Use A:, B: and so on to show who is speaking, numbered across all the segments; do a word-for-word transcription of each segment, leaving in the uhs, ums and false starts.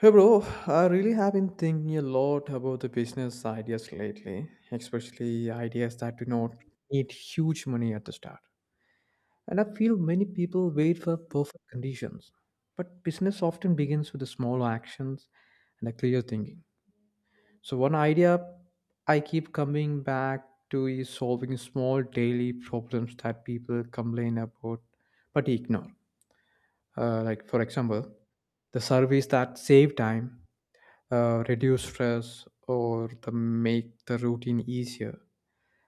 A: Hey bro, I really have been thinking a lot about the business ideas lately, especially ideas that do not need huge money at the start. And I feel many people wait for perfect conditions, but business often begins with the small actions and a clear thinking. So one idea I keep coming back to is solving small daily problems that people complain about but ignore. Uh, like for example, the service that save time uh, reduce stress or the make the routine easier.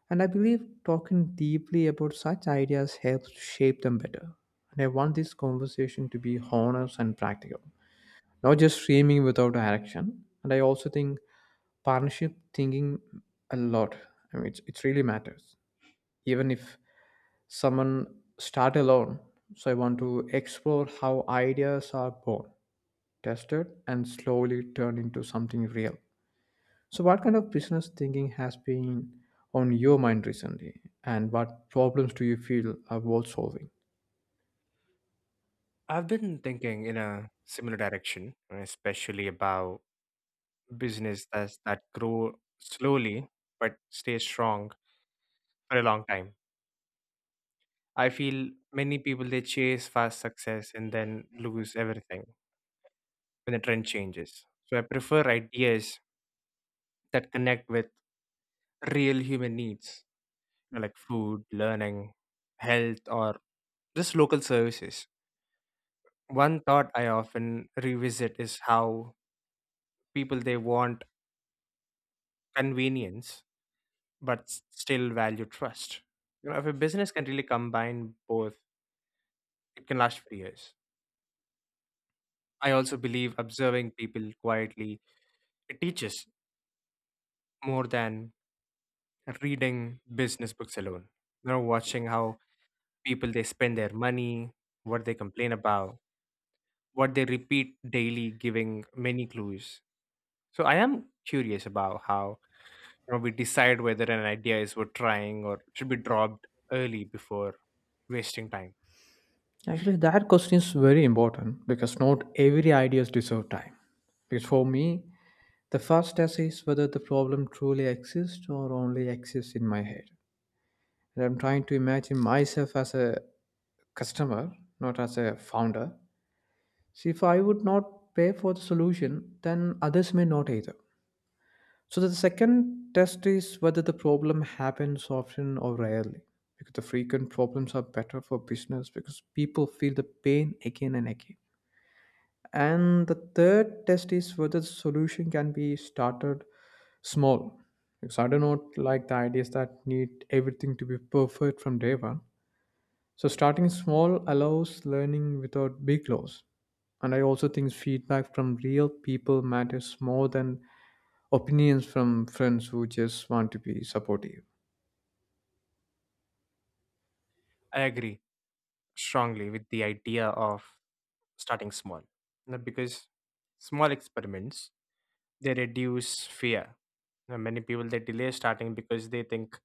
A: And I believe talking deeply about such ideas helps shape them better. And I want this conversation to be honest and practical, not just framing without direction. And I also think partnership thinking a lot. I mean, it's, it really matters. Even if someone start alone, so I want to explore how ideas are born, tested, and slowly turned into something real. So, what kind of business thinking has been on your mind recently, and what problems do you feel are worth solving?
B: I've been thinking in a similar direction, especially about business that, that grow slowly but stay strong for a long time. I feel many people they chase fast success and then lose everything when the trend changes. So I prefer ideas that connect with real human needs, you know, like food, learning, health, or just local services. One thought I often revisit is how people they want convenience but s- still value trust. You know, if a business can really combine both, it can last for years. I also believe observing people quietly it teaches more than reading business books alone. You know, watching how people they spend their money, what they complain about, what they repeat daily, giving many clues. So I am curious about how you know, we decide whether an idea is worth trying or should be dropped early before wasting time.
A: Actually, that question is very important because not every ideas deserve time. Because for me, the first test is whether the problem truly exists or only exists in my head. And I'm trying to imagine myself as a customer, not as a founder. See, if I would not pay for the solution, then others may not either. So the second test is whether the problem happens often or rarely. Because the frequent problems are better for business because people feel the pain again and again. And the third test is whether the solution can be started small. Because I do not like the ideas that need everything to be perfect from day one. So starting small allows learning without big loss. And I also think feedback from real people matters more than opinions from friends who just want to be supportive.
B: I agree strongly with the idea of starting small you know, because small experiments they reduce fear. You know, many people they delay starting because they think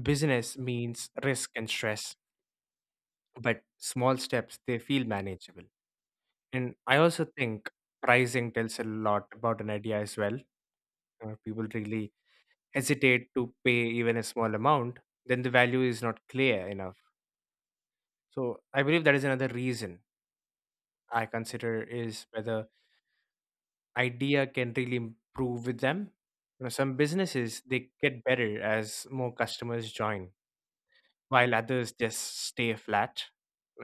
B: business means risk and stress, but small steps they feel manageable. And I also think pricing tells a lot about an idea as well. You know, people really hesitate to pay even a small amount, then the value is not clear enough. So I believe that is another reason I consider is whether idea can really improve with them. You know, some businesses they get better as more customers join, while others just stay flat.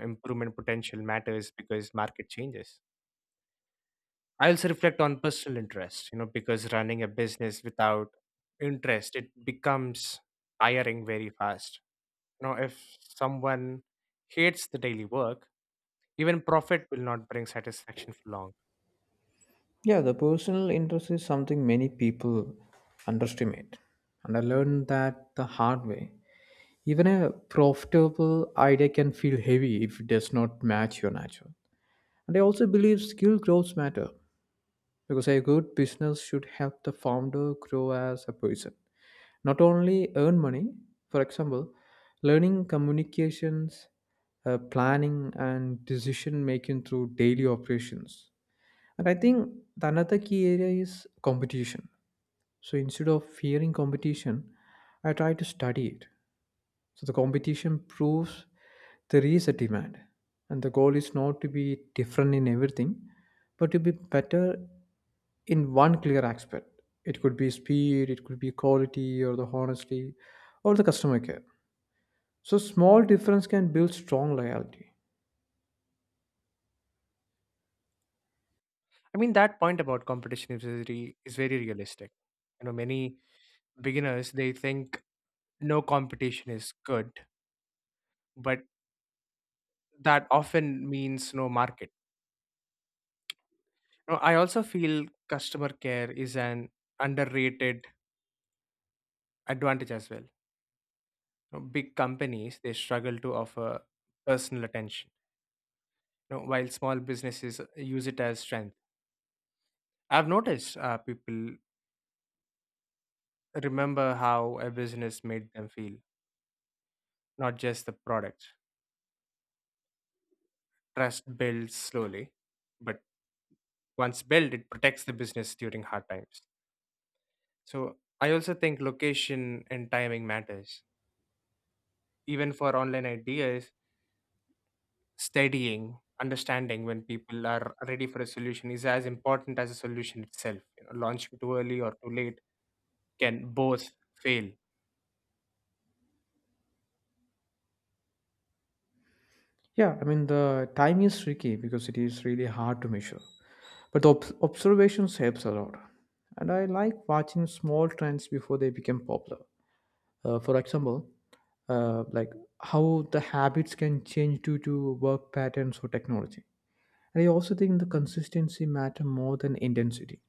B: Improvement potential matters because market changes. I also reflect on personal interest, you know, because running a business without interest, it becomes tiring very fast. You know, if someone hates the daily work, even profit will not bring satisfaction for long.
A: Yeah, the personal interest is something many people underestimate. And I learned that the hard way. Even a profitable idea can feel heavy if it does not match your nature. And I also believe skill growth matter because a good business should help the founder grow as a person, not only earn money. For example, learning communications, uh, planning and decision making through daily operations. And I think the another key area is competition. So instead of fearing competition, I try to study it. So the competition proves there is a demand, and the goal is not to be different in everything, but to be better in one clear aspect. It could be speed, it could be quality, or the honesty, or the customer care. So small difference can build strong loyalty.
B: I mean, that point about competition is very, is very realistic. You know, many beginners they think no competition is good, but that often means no market. You know, I also feel customer care is an underrated advantage as well. You know, big companies they struggle to offer personal attention, you know, while small businesses uh, use it as strength. I've noticed uh, people remember how a business made them feel, not just the product. Trust builds slowly, but once built, it protects the business during hard times. So I also think location and timing matters. Even for online ideas, studying, understanding when people are ready for a solution is as important as a solution itself. You know, launching too early or too late can both fail.
A: Yeah, I mean the time is tricky because it is really hard to measure, but the ob- observations helps a lot. And I like watching small trends before they become popular. Uh, for example, uh, like how the habits can change due to work patterns or technology. And I also think the consistency matter more than intensity.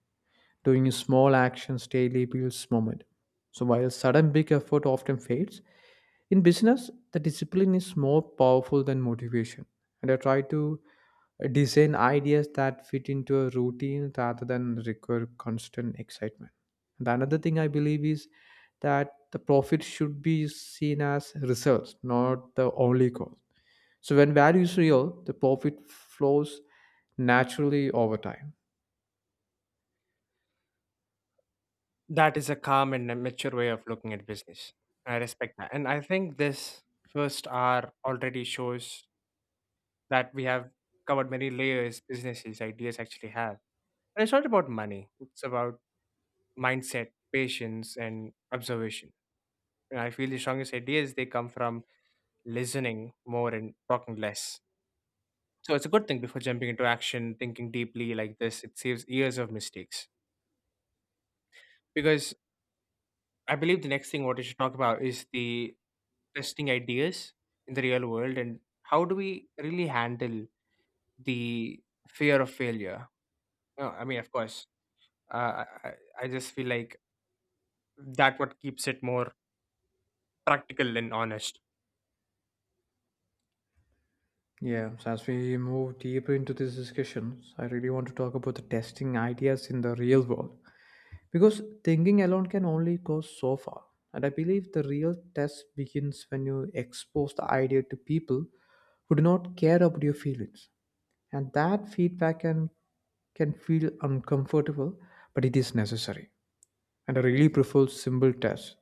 A: Doing small actions daily builds momentum. So while sudden big effort often fades, in business, the discipline is more powerful than motivation. And I try to uh, design ideas that fit into a routine rather than require constant excitement. And another thing I believe is that the profit should be seen as results, not the only cost. So when value is real, the profit flows naturally over time.
B: That is a calm and a mature way of looking at business. I respect that. And I think this first hour already shows that we have covered many layers businesses ideas actually have. And it's not about money, it's about mindset, patience, and observation. And I feel the strongest ideas they come from listening more and talking less. So it's a good thing: before jumping into action, thinking deeply like this, it saves years of mistakes. Because I believe the next thing what we should talk about is the testing ideas in the real world and how do we really handle the fear of failure? Uh, I mean, of course, Uh, I, I just feel like that what keeps it more practical and honest.
A: Yeah, so as we move deeper into these discussions, I really want to talk about the testing ideas in the real world. Because thinking alone can only go so far. And I believe the real test begins when you expose the idea to people who do not care about your feelings. And that feedback can can feel uncomfortable, but it is necessary. And I really prefer simple tests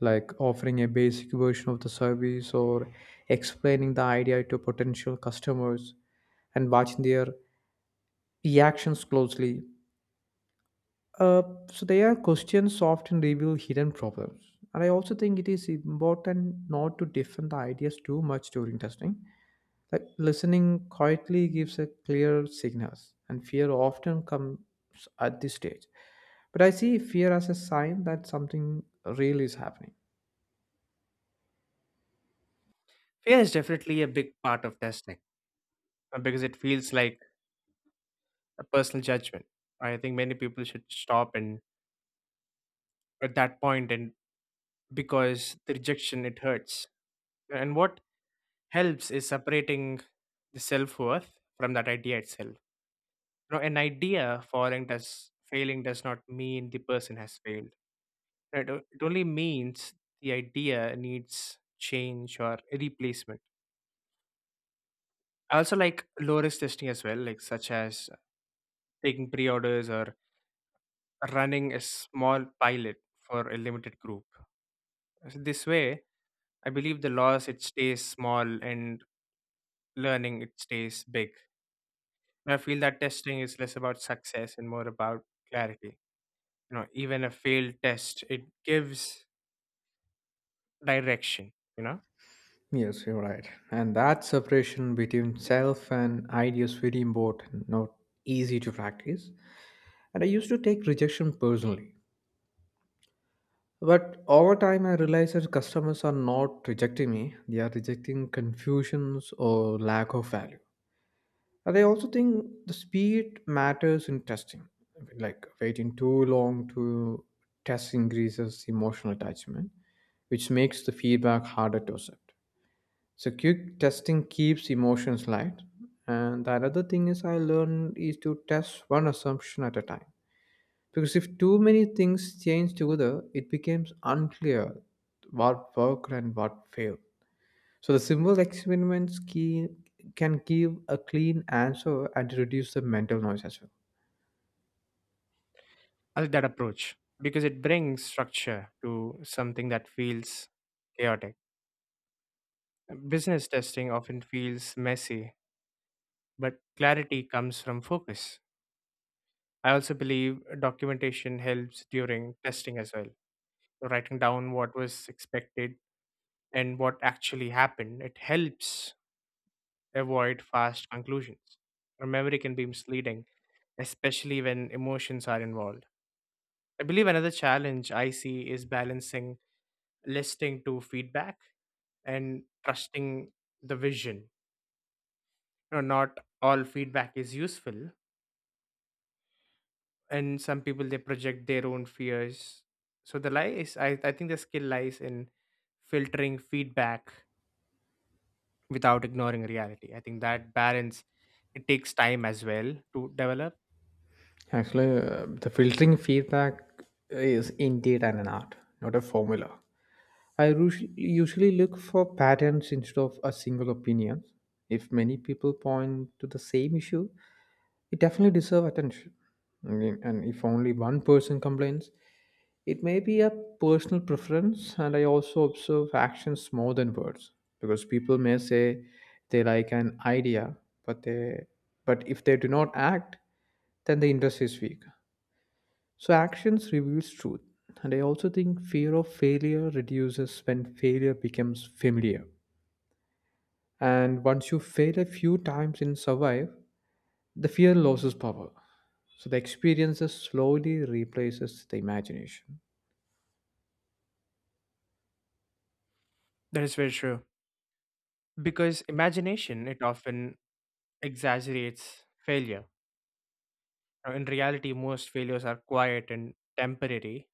A: like offering a basic version of the service or explaining the idea to potential customers and watching their reactions closely. Uh, so there are questions often reveal hidden problems, and I also think it is important not to defend the ideas too much during testing. Like listening quietly gives a clear signals, and fear often comes at this stage. But I see fear as a sign that something real is happening.
B: Fear is definitely a big part of testing uh, because it feels like a personal judgment. I think many people should stop and at that point and because the rejection it hurts. And what helps is separating the self worth from that idea itself. You know, an idea falling does failing does not mean the person has failed. It, it only means the idea needs change or replacement. I also like low risk testing as well, like such as taking pre orders or running a small pilot for a limited group. So this way, I believe the loss it stays small and learning it stays big. I feel that testing is less about success and more about clarity. You know, even a failed test, it gives direction, you know.
A: Yes, you're right. And that separation between self and idea is very important, not easy to practice. And I used to take rejection personally. But over time, I realized that customers are not rejecting me, they are rejecting confusions or lack of value. And I also think the speed matters in testing. I mean, like waiting too long to test increases emotional attachment, which makes the feedback harder to accept. So, quick testing keeps emotions light. And the other thing is, I learned is to test one assumption at a time, because if too many things change together, it becomes unclear what worked and what failed. So the simple experiments key, can give a clean answer and reduce the mental noise as well.
B: I like that approach because it brings structure to something that feels chaotic. Business testing often feels messy but clarity comes from focus. I also believe documentation helps during testing as well. So, writing down what was expected and what actually happened, it helps avoid fast conclusions. Our memory can be misleading, especially when emotions are involved. I believe another challenge I see is balancing listening to feedback and trusting the vision. You know, not all feedback is useful, and some people they project their own fears. So the lie is i, I think the skill lies in filtering feedback without ignoring reality. I think that balance it takes time as well to develop.
A: Actually, uh, the filtering feedback is indeed an art, not a formula. I usu- usually look for patterns instead of a single opinion. If many people point to the same issue, it definitely deserves attention. I mean, and if only one person complains, it may be a personal preference. And I also observe actions more than words, because people may say they like an idea, but they but if they do not act, then the interest is weak. So actions reveals truth, and I also think fear of failure reduces when failure becomes familiar. And once you fail a few times and survive, the fear loses power. So the experiences slowly replaces the imagination.
B: That is very true because imagination it often exaggerates failure. Now, in reality most failures are quiet and temporary.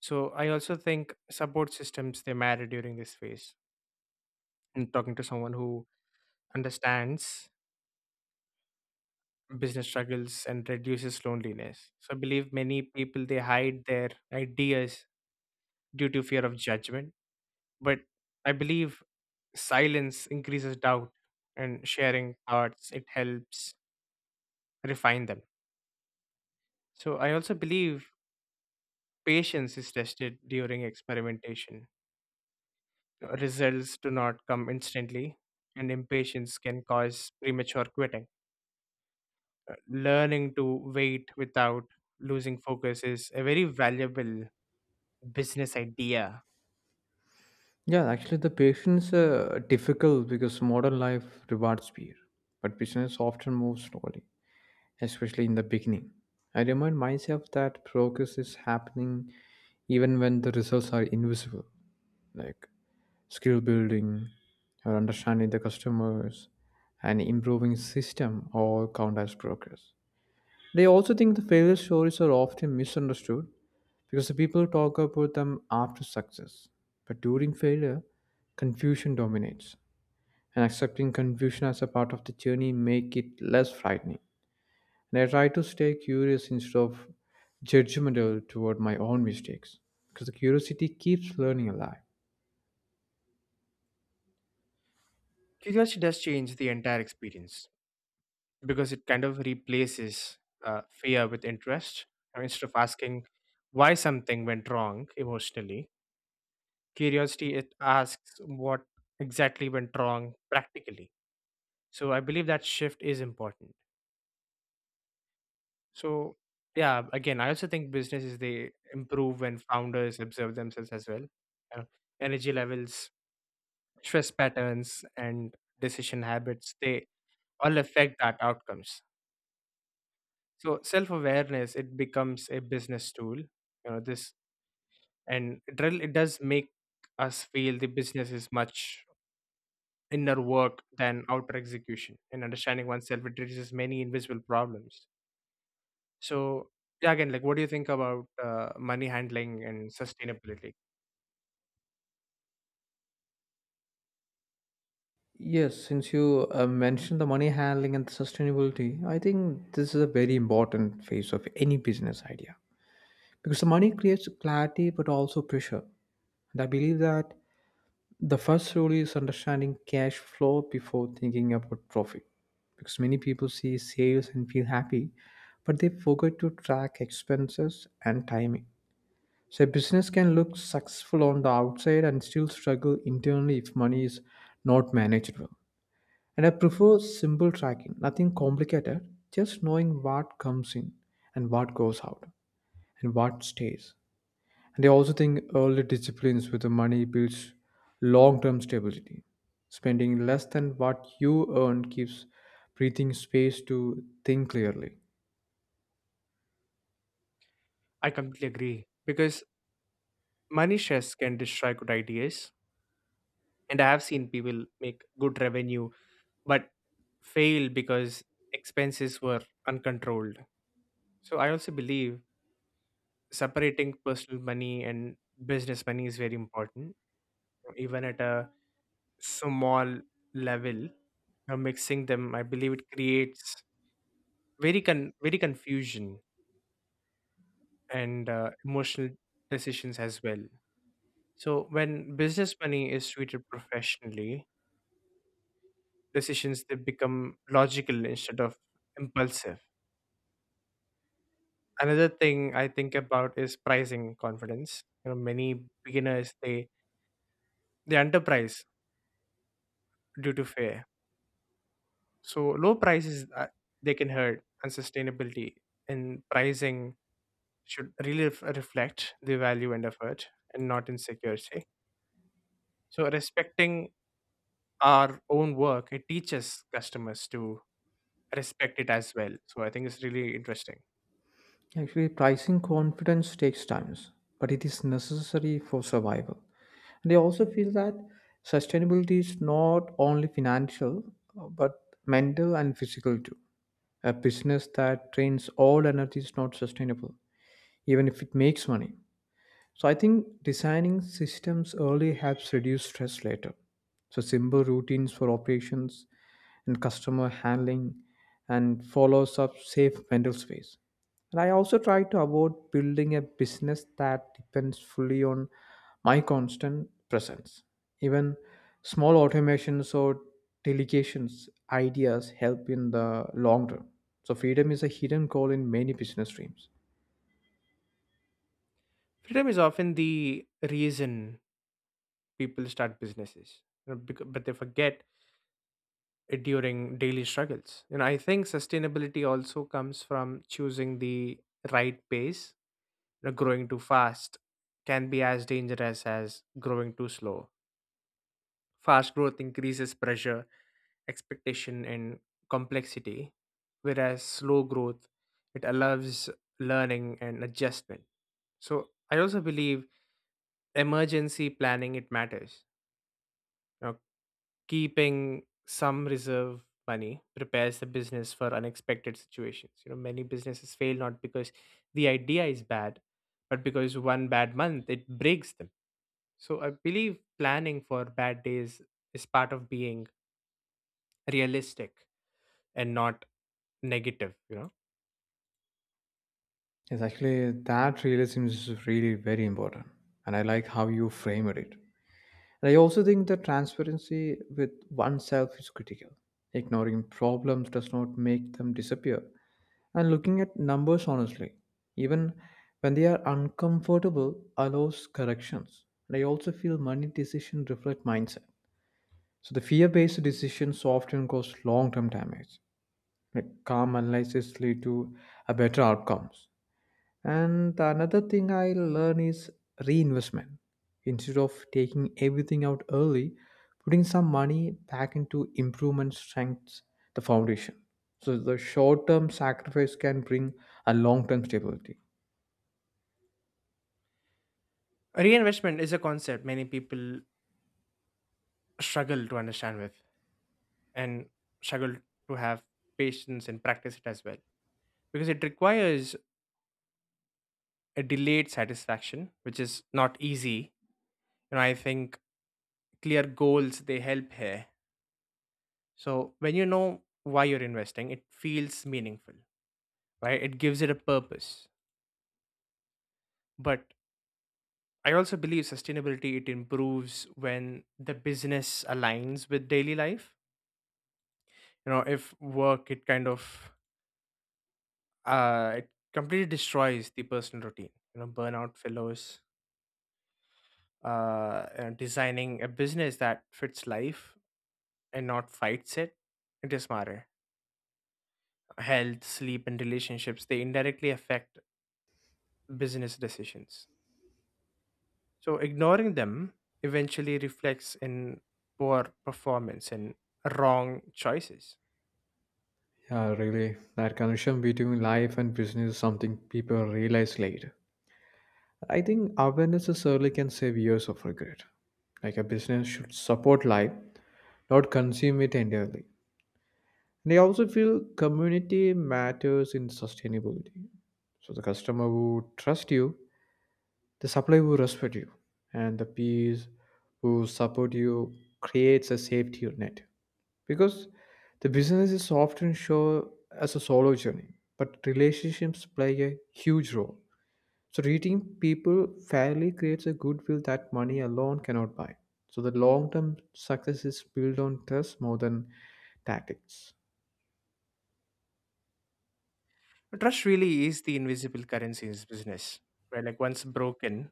B: So I also think support systems they matter during this phase, and talking to someone who understands business struggles and reduces loneliness. So I believe many people they hide their ideas due to fear of judgment, but I believe silence increases doubt, and sharing thoughts it helps refine them. So I also believe patience is tested during experimentation. Results do not come instantly and impatience can cause premature quitting. Uh, Learning to wait without losing focus is a very valuable business idea.
A: Yeah, actually, the patience uh, difficult because modern life rewards speed, but business often moves slowly, especially in the beginning. I remind myself that progress is happening even when the results are invisible, like skill building or understanding the customers and improving system all count as progress. They also think the failure stories are often misunderstood because the people talk about them after success. But during failure, confusion dominates, and accepting confusion as a part of the journey make it less frightening. And I try to stay curious instead of judgmental toward my own mistakes, because the curiosity keeps learning alive.
B: Curiosity does change the entire experience because it kind of replaces uh, fear with interest. I mean, instead of asking why something went wrong emotionally, curiosity it asks what exactly went wrong practically. So I believe that shift is important. So yeah, again, I also think businesses they improve when founders observe themselves as well. Uh, Energy levels, stress patterns, and decision habits they all affect that outcomes. So self-awareness, it becomes a business tool, you know, this. And it really it does make us feel the business is much inner work than outer execution. And understanding oneself, it reduces many invisible problems. So yeah, again, like what do you think about uh, money handling and sustainability?
A: Yes, since you uh, mentioned the money handling and the sustainability, I think this is a very important phase of any business idea because the money creates clarity but also pressure. And I believe that the first rule is understanding cash flow before thinking about profit. Because many people see sales and feel happy, but they forget to track expenses and timing. So a business can look successful on the outside and still struggle internally if money is not managed well. And I prefer simple tracking, nothing complicated, just knowing what comes in and what goes out and what stays. And I also think early disciplines with the money builds long term stability. Spending less than what you earn keeps breathing space to think clearly.
B: I completely agree because money stress can destroy good ideas, and I have seen people make good revenue but fail because expenses were uncontrolled. So I also believe separating personal money and business money is very important even at a small level. Uh, mixing them I believe it creates very con- very confusion and uh, emotional decisions as well. So when business money is treated professionally, decisions they become logical instead of impulsive. Another thing I think about is pricing confidence. You know many beginners they they underprice due to fear. So low prices uh, they can hurt, and sustainability in pricing should really ref- reflect the value and effort, and not insecurity. So respecting our own work, it teaches customers to respect it as well. So I think it's really interesting.
A: Actually, pricing confidence takes time, but it is necessary for survival. And I also feel that sustainability is not only financial, uh, but mental and physical too. A business that drains all energy is not sustainable, even if it makes money. So I think designing systems early helps reduce stress later. So simple routines for operations and customer handling and follows up safe mental space. And I also try to avoid building a business that depends fully on my constant presence. Even small automations or delegations ideas help in the long run. So freedom is a hidden goal in many business dreams.
B: Freedom is often the reason people start businesses, you know, becau- but they forget it during daily struggles. You know, I think sustainability also comes from choosing the right pace uh, Growing too fast can be as dangerous as growing too slow. Fast growth increases pressure, expectation, and complexity, whereas slow growth it allows learning and adjustment. So I also believe emergency planning it matters. Now, keeping some reserve money prepares the business for unexpected situations. You know, many businesses fail not because the idea is bad, but because one bad month it breaks them. So I believe planning for bad days is part of being realistic and not negative, you know.
A: Yes, actually, that really seems really very important. And I like how you framed it. And I also think that transparency with oneself is critical. Ignoring problems does not make them disappear. And looking at numbers honestly, even when they are uncomfortable, allows corrections. And I also feel money decisions reflect mindset. So the fear-based decisions often cause long-term damage. Like calm analysis lead to a better outcomes. And the another thing I learn is reinvestment. Instead of taking everything out early, putting some money back into improvement strengths the foundation. So the short term sacrifice can bring a long term stability.
B: Reinvestment is a concept many people struggle to understand with, and struggle to have patience and practice it as well, because it requires a delayed satisfaction which is not easy. You know, I think clear goals they help here. So when you know why you're investing, it feels meaningful, right? It gives it a purpose. But I also believe sustainability it improves when the business aligns with daily life. You know, if work it kind of uh it completely destroys the personal routine. You know, burnout fellows uh you know, designing a business that fits life and not fights it. It is smarter. Health, sleep, and relationships they indirectly affect business decisions. So ignoring them eventually reflects in poor performance and wrong choices.
A: Yeah, really. That connection between life and business is something people realize later. I think awareness is early can save years of regret. Like a business should support life, not consume it entirely. And I also feel community matters in sustainability. So the customer who trust you, the supplier who respect you, and the peers who support you creates a safety net. Because the business is often shown as a solo journey, but relationships play a huge role. So treating people fairly creates a goodwill that money alone cannot buy. So the long-term success is built on trust more than tactics.
B: Trust really is the invisible currency in this business, right? Like once broken,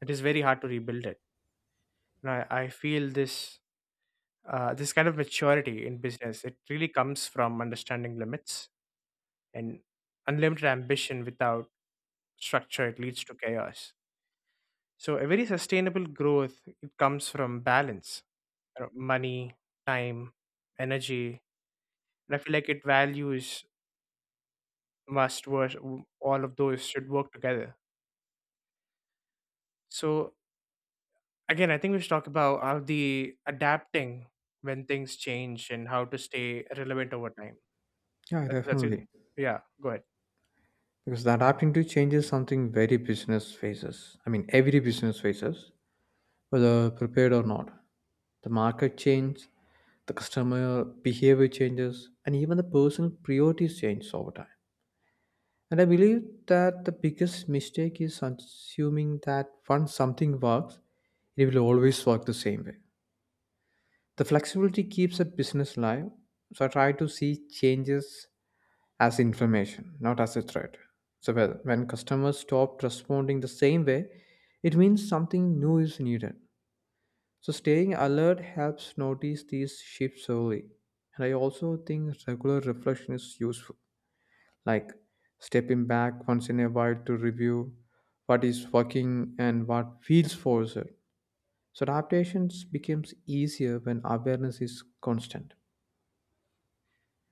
B: it is very hard to rebuild it. And I, I feel this uh, this kind of maturity in business, it really comes from understanding limits, and unlimited ambition without structure, it leads to chaos. So a very sustainable growth, it comes from balance, you know, money, time, energy. And I feel like it values must work, all of those should work together. So, again, I think we should talk about how the adapting when things change and how to stay relevant over time.
A: Yeah,
B: That, that's it.
A: definitely.
B: Yeah, go ahead.
A: Because the adapting to change is something very business faces. I mean, every business faces, whether prepared or not. The market change, the customer behavior changes, and even the personal priorities change over time. And I believe that the biggest mistake is assuming that once something works, it will always work the same way. The flexibility keeps a business alive. So I try to see changes as information, not as a threat. So well, when customers stop responding the same way, it means something new is needed. So staying alert helps notice these shifts early. And I also think regular reflection is useful, like stepping back once in a while to review what is working and what feels forced. So adaptations becomes easier when awareness is constant.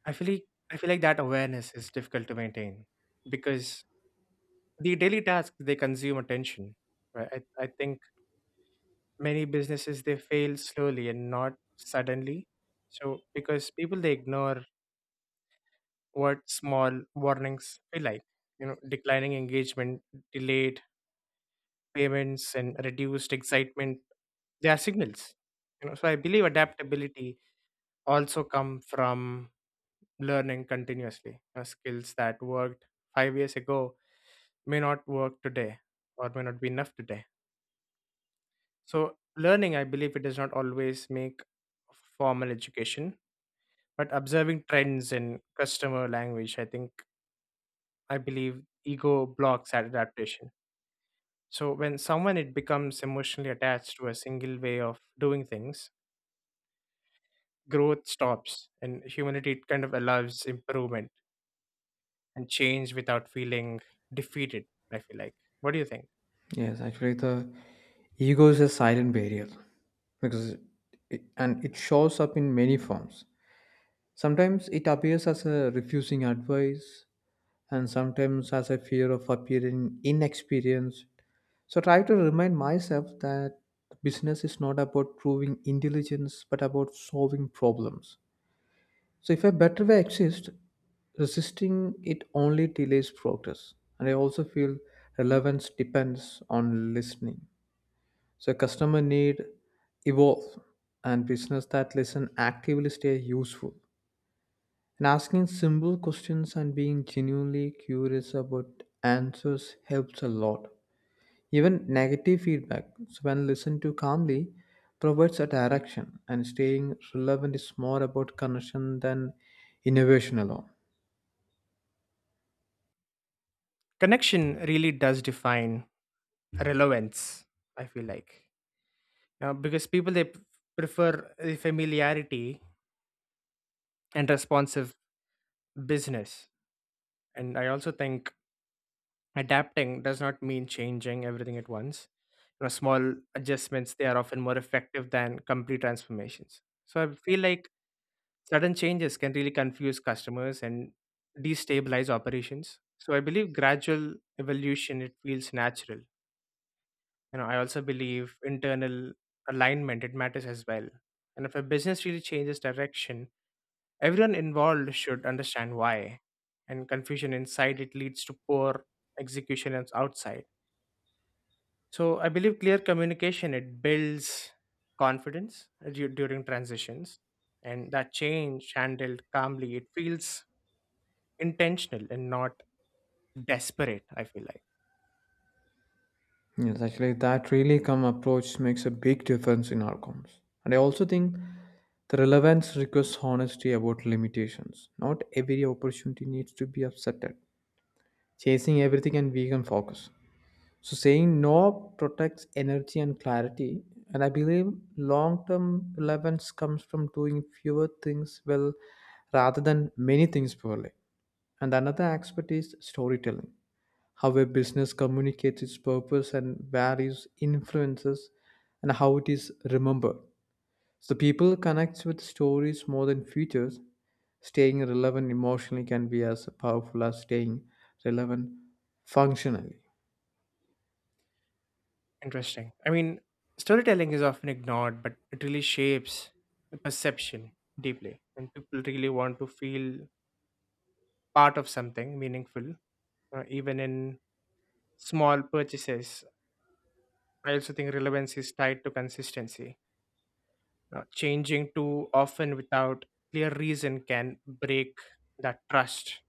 B: I feel like, I feel like that awareness is difficult to maintain because the daily tasks they consume attention. Right? I, I think many businesses they fail slowly and not suddenly. So because people they ignore what small warnings feel like. You know, declining engagement, delayed payments, and reduced excitement. They are signals. You know, so I believe adaptability also come from learning continuously. You know, skills that worked five years ago may not work today or may not be enough today. So learning, I believe it does not always make formal education, but observing trends in customer language, I think I believe ego blocks that adaptation. So when someone it becomes emotionally attached to a single way of doing things, growth stops and humanity kind of allows improvement and change without feeling defeated, I feel like. What do you think?
A: Yes, actually, the ego is a silent barrier because it, and it shows up in many forms. Sometimes it appears as a refusing advice, and sometimes as a fear of appearing inexperienced. So, try to remind myself that business is not about proving intelligence but about solving problems. So, if a better way exists, resisting it only delays progress. And I also feel relevance depends on listening, so customer need evolve and business that listen actively stay useful. And asking simple questions and being genuinely curious about answers helps a lot. Even negative feedback, so when listened to calmly, provides a direction. And staying relevant is more about connection than innovation alone.
B: Connection really does define relevance, I feel like. Uh, because people they p- prefer the familiarity and responsive business. And I also think adapting does not mean changing everything at once you know Small adjustments they are often more effective than complete transformations. So I feel like sudden changes can really confuse customers and destabilize operations. So I believe gradual evolution it feels natural. You know, I also believe internal alignment it matters as well. And if a business really changes direction, everyone involved should understand why. And confusion inside it leads to poor execution and outside. So I believe clear communication it builds confidence uh, du- during transitions, and that change handled calmly it feels intentional and not desperate, I feel like.
A: Yes, actually, that really come approach makes a big difference in outcomes. And I also think the relevance requires honesty about limitations. Not every opportunity needs to be upsetted. Chasing everything and vegan focus. So saying no protects energy and clarity. And I believe long-term relevance comes from doing fewer things well rather than many things poorly. And another aspect is storytelling, how a business communicates its purpose and values influences and how it is remembered. So people connect with stories more than features. Staying relevant emotionally can be as powerful as staying relevant functionally.
B: Interesting. I mean, storytelling is often ignored but it really shapes the perception deeply, and people really want to feel part of something meaningful uh, even in small purchases. I also think relevance is tied to consistency. Uh, changing too often without clear reason can break that trust.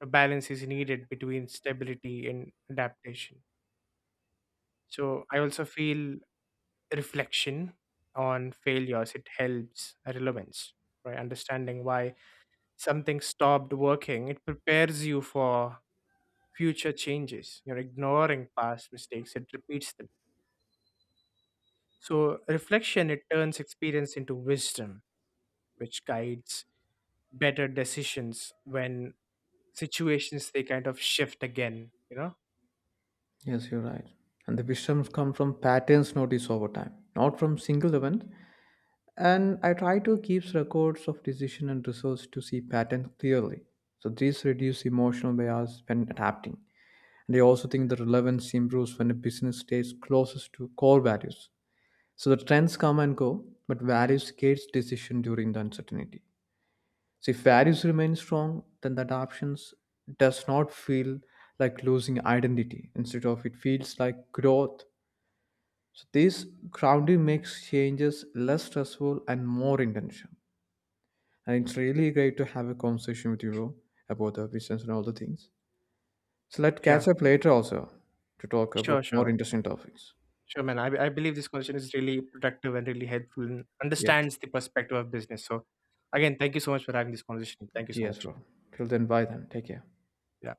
B: A balance is needed between stability and adaptation. So I also feel reflection on failures it helps relevance, right? Understanding why something stopped working it prepares you for future changes. You're ignoring past mistakes, it repeats them. So reflection it turns experience into wisdom, which guides better decisions when situations they kind of shift again you know
A: Yes, you're right. And the wisdoms come from patterns noticed over time, not from single event. And I try to keep records of decision and results to see patterns clearly. So this reduce emotional bias when adapting. And I also think the relevance improves when a business stays closest to core values. So the trends come and go, but values guides decision during the uncertainty. So if values remain strong, then the adoptions does not feel like losing identity. Instead of it feels like growth. So this grounding makes changes less stressful and more intentional. And it's really great to have a conversation with you bro, about the business and all the things. So let's
B: Yeah,
A: catch up later also to talk
B: sure,
A: about more
B: sure.
A: interesting topics.
B: Sure, man. I, I believe this conversation is really productive and really helpful and
A: Yes,
B: understands the perspective of business. So, again, thank you so much for having this conversation. Thank you so
A: yes,
B: much.
A: bro. Till then, bye then. Take care.
B: Yeah.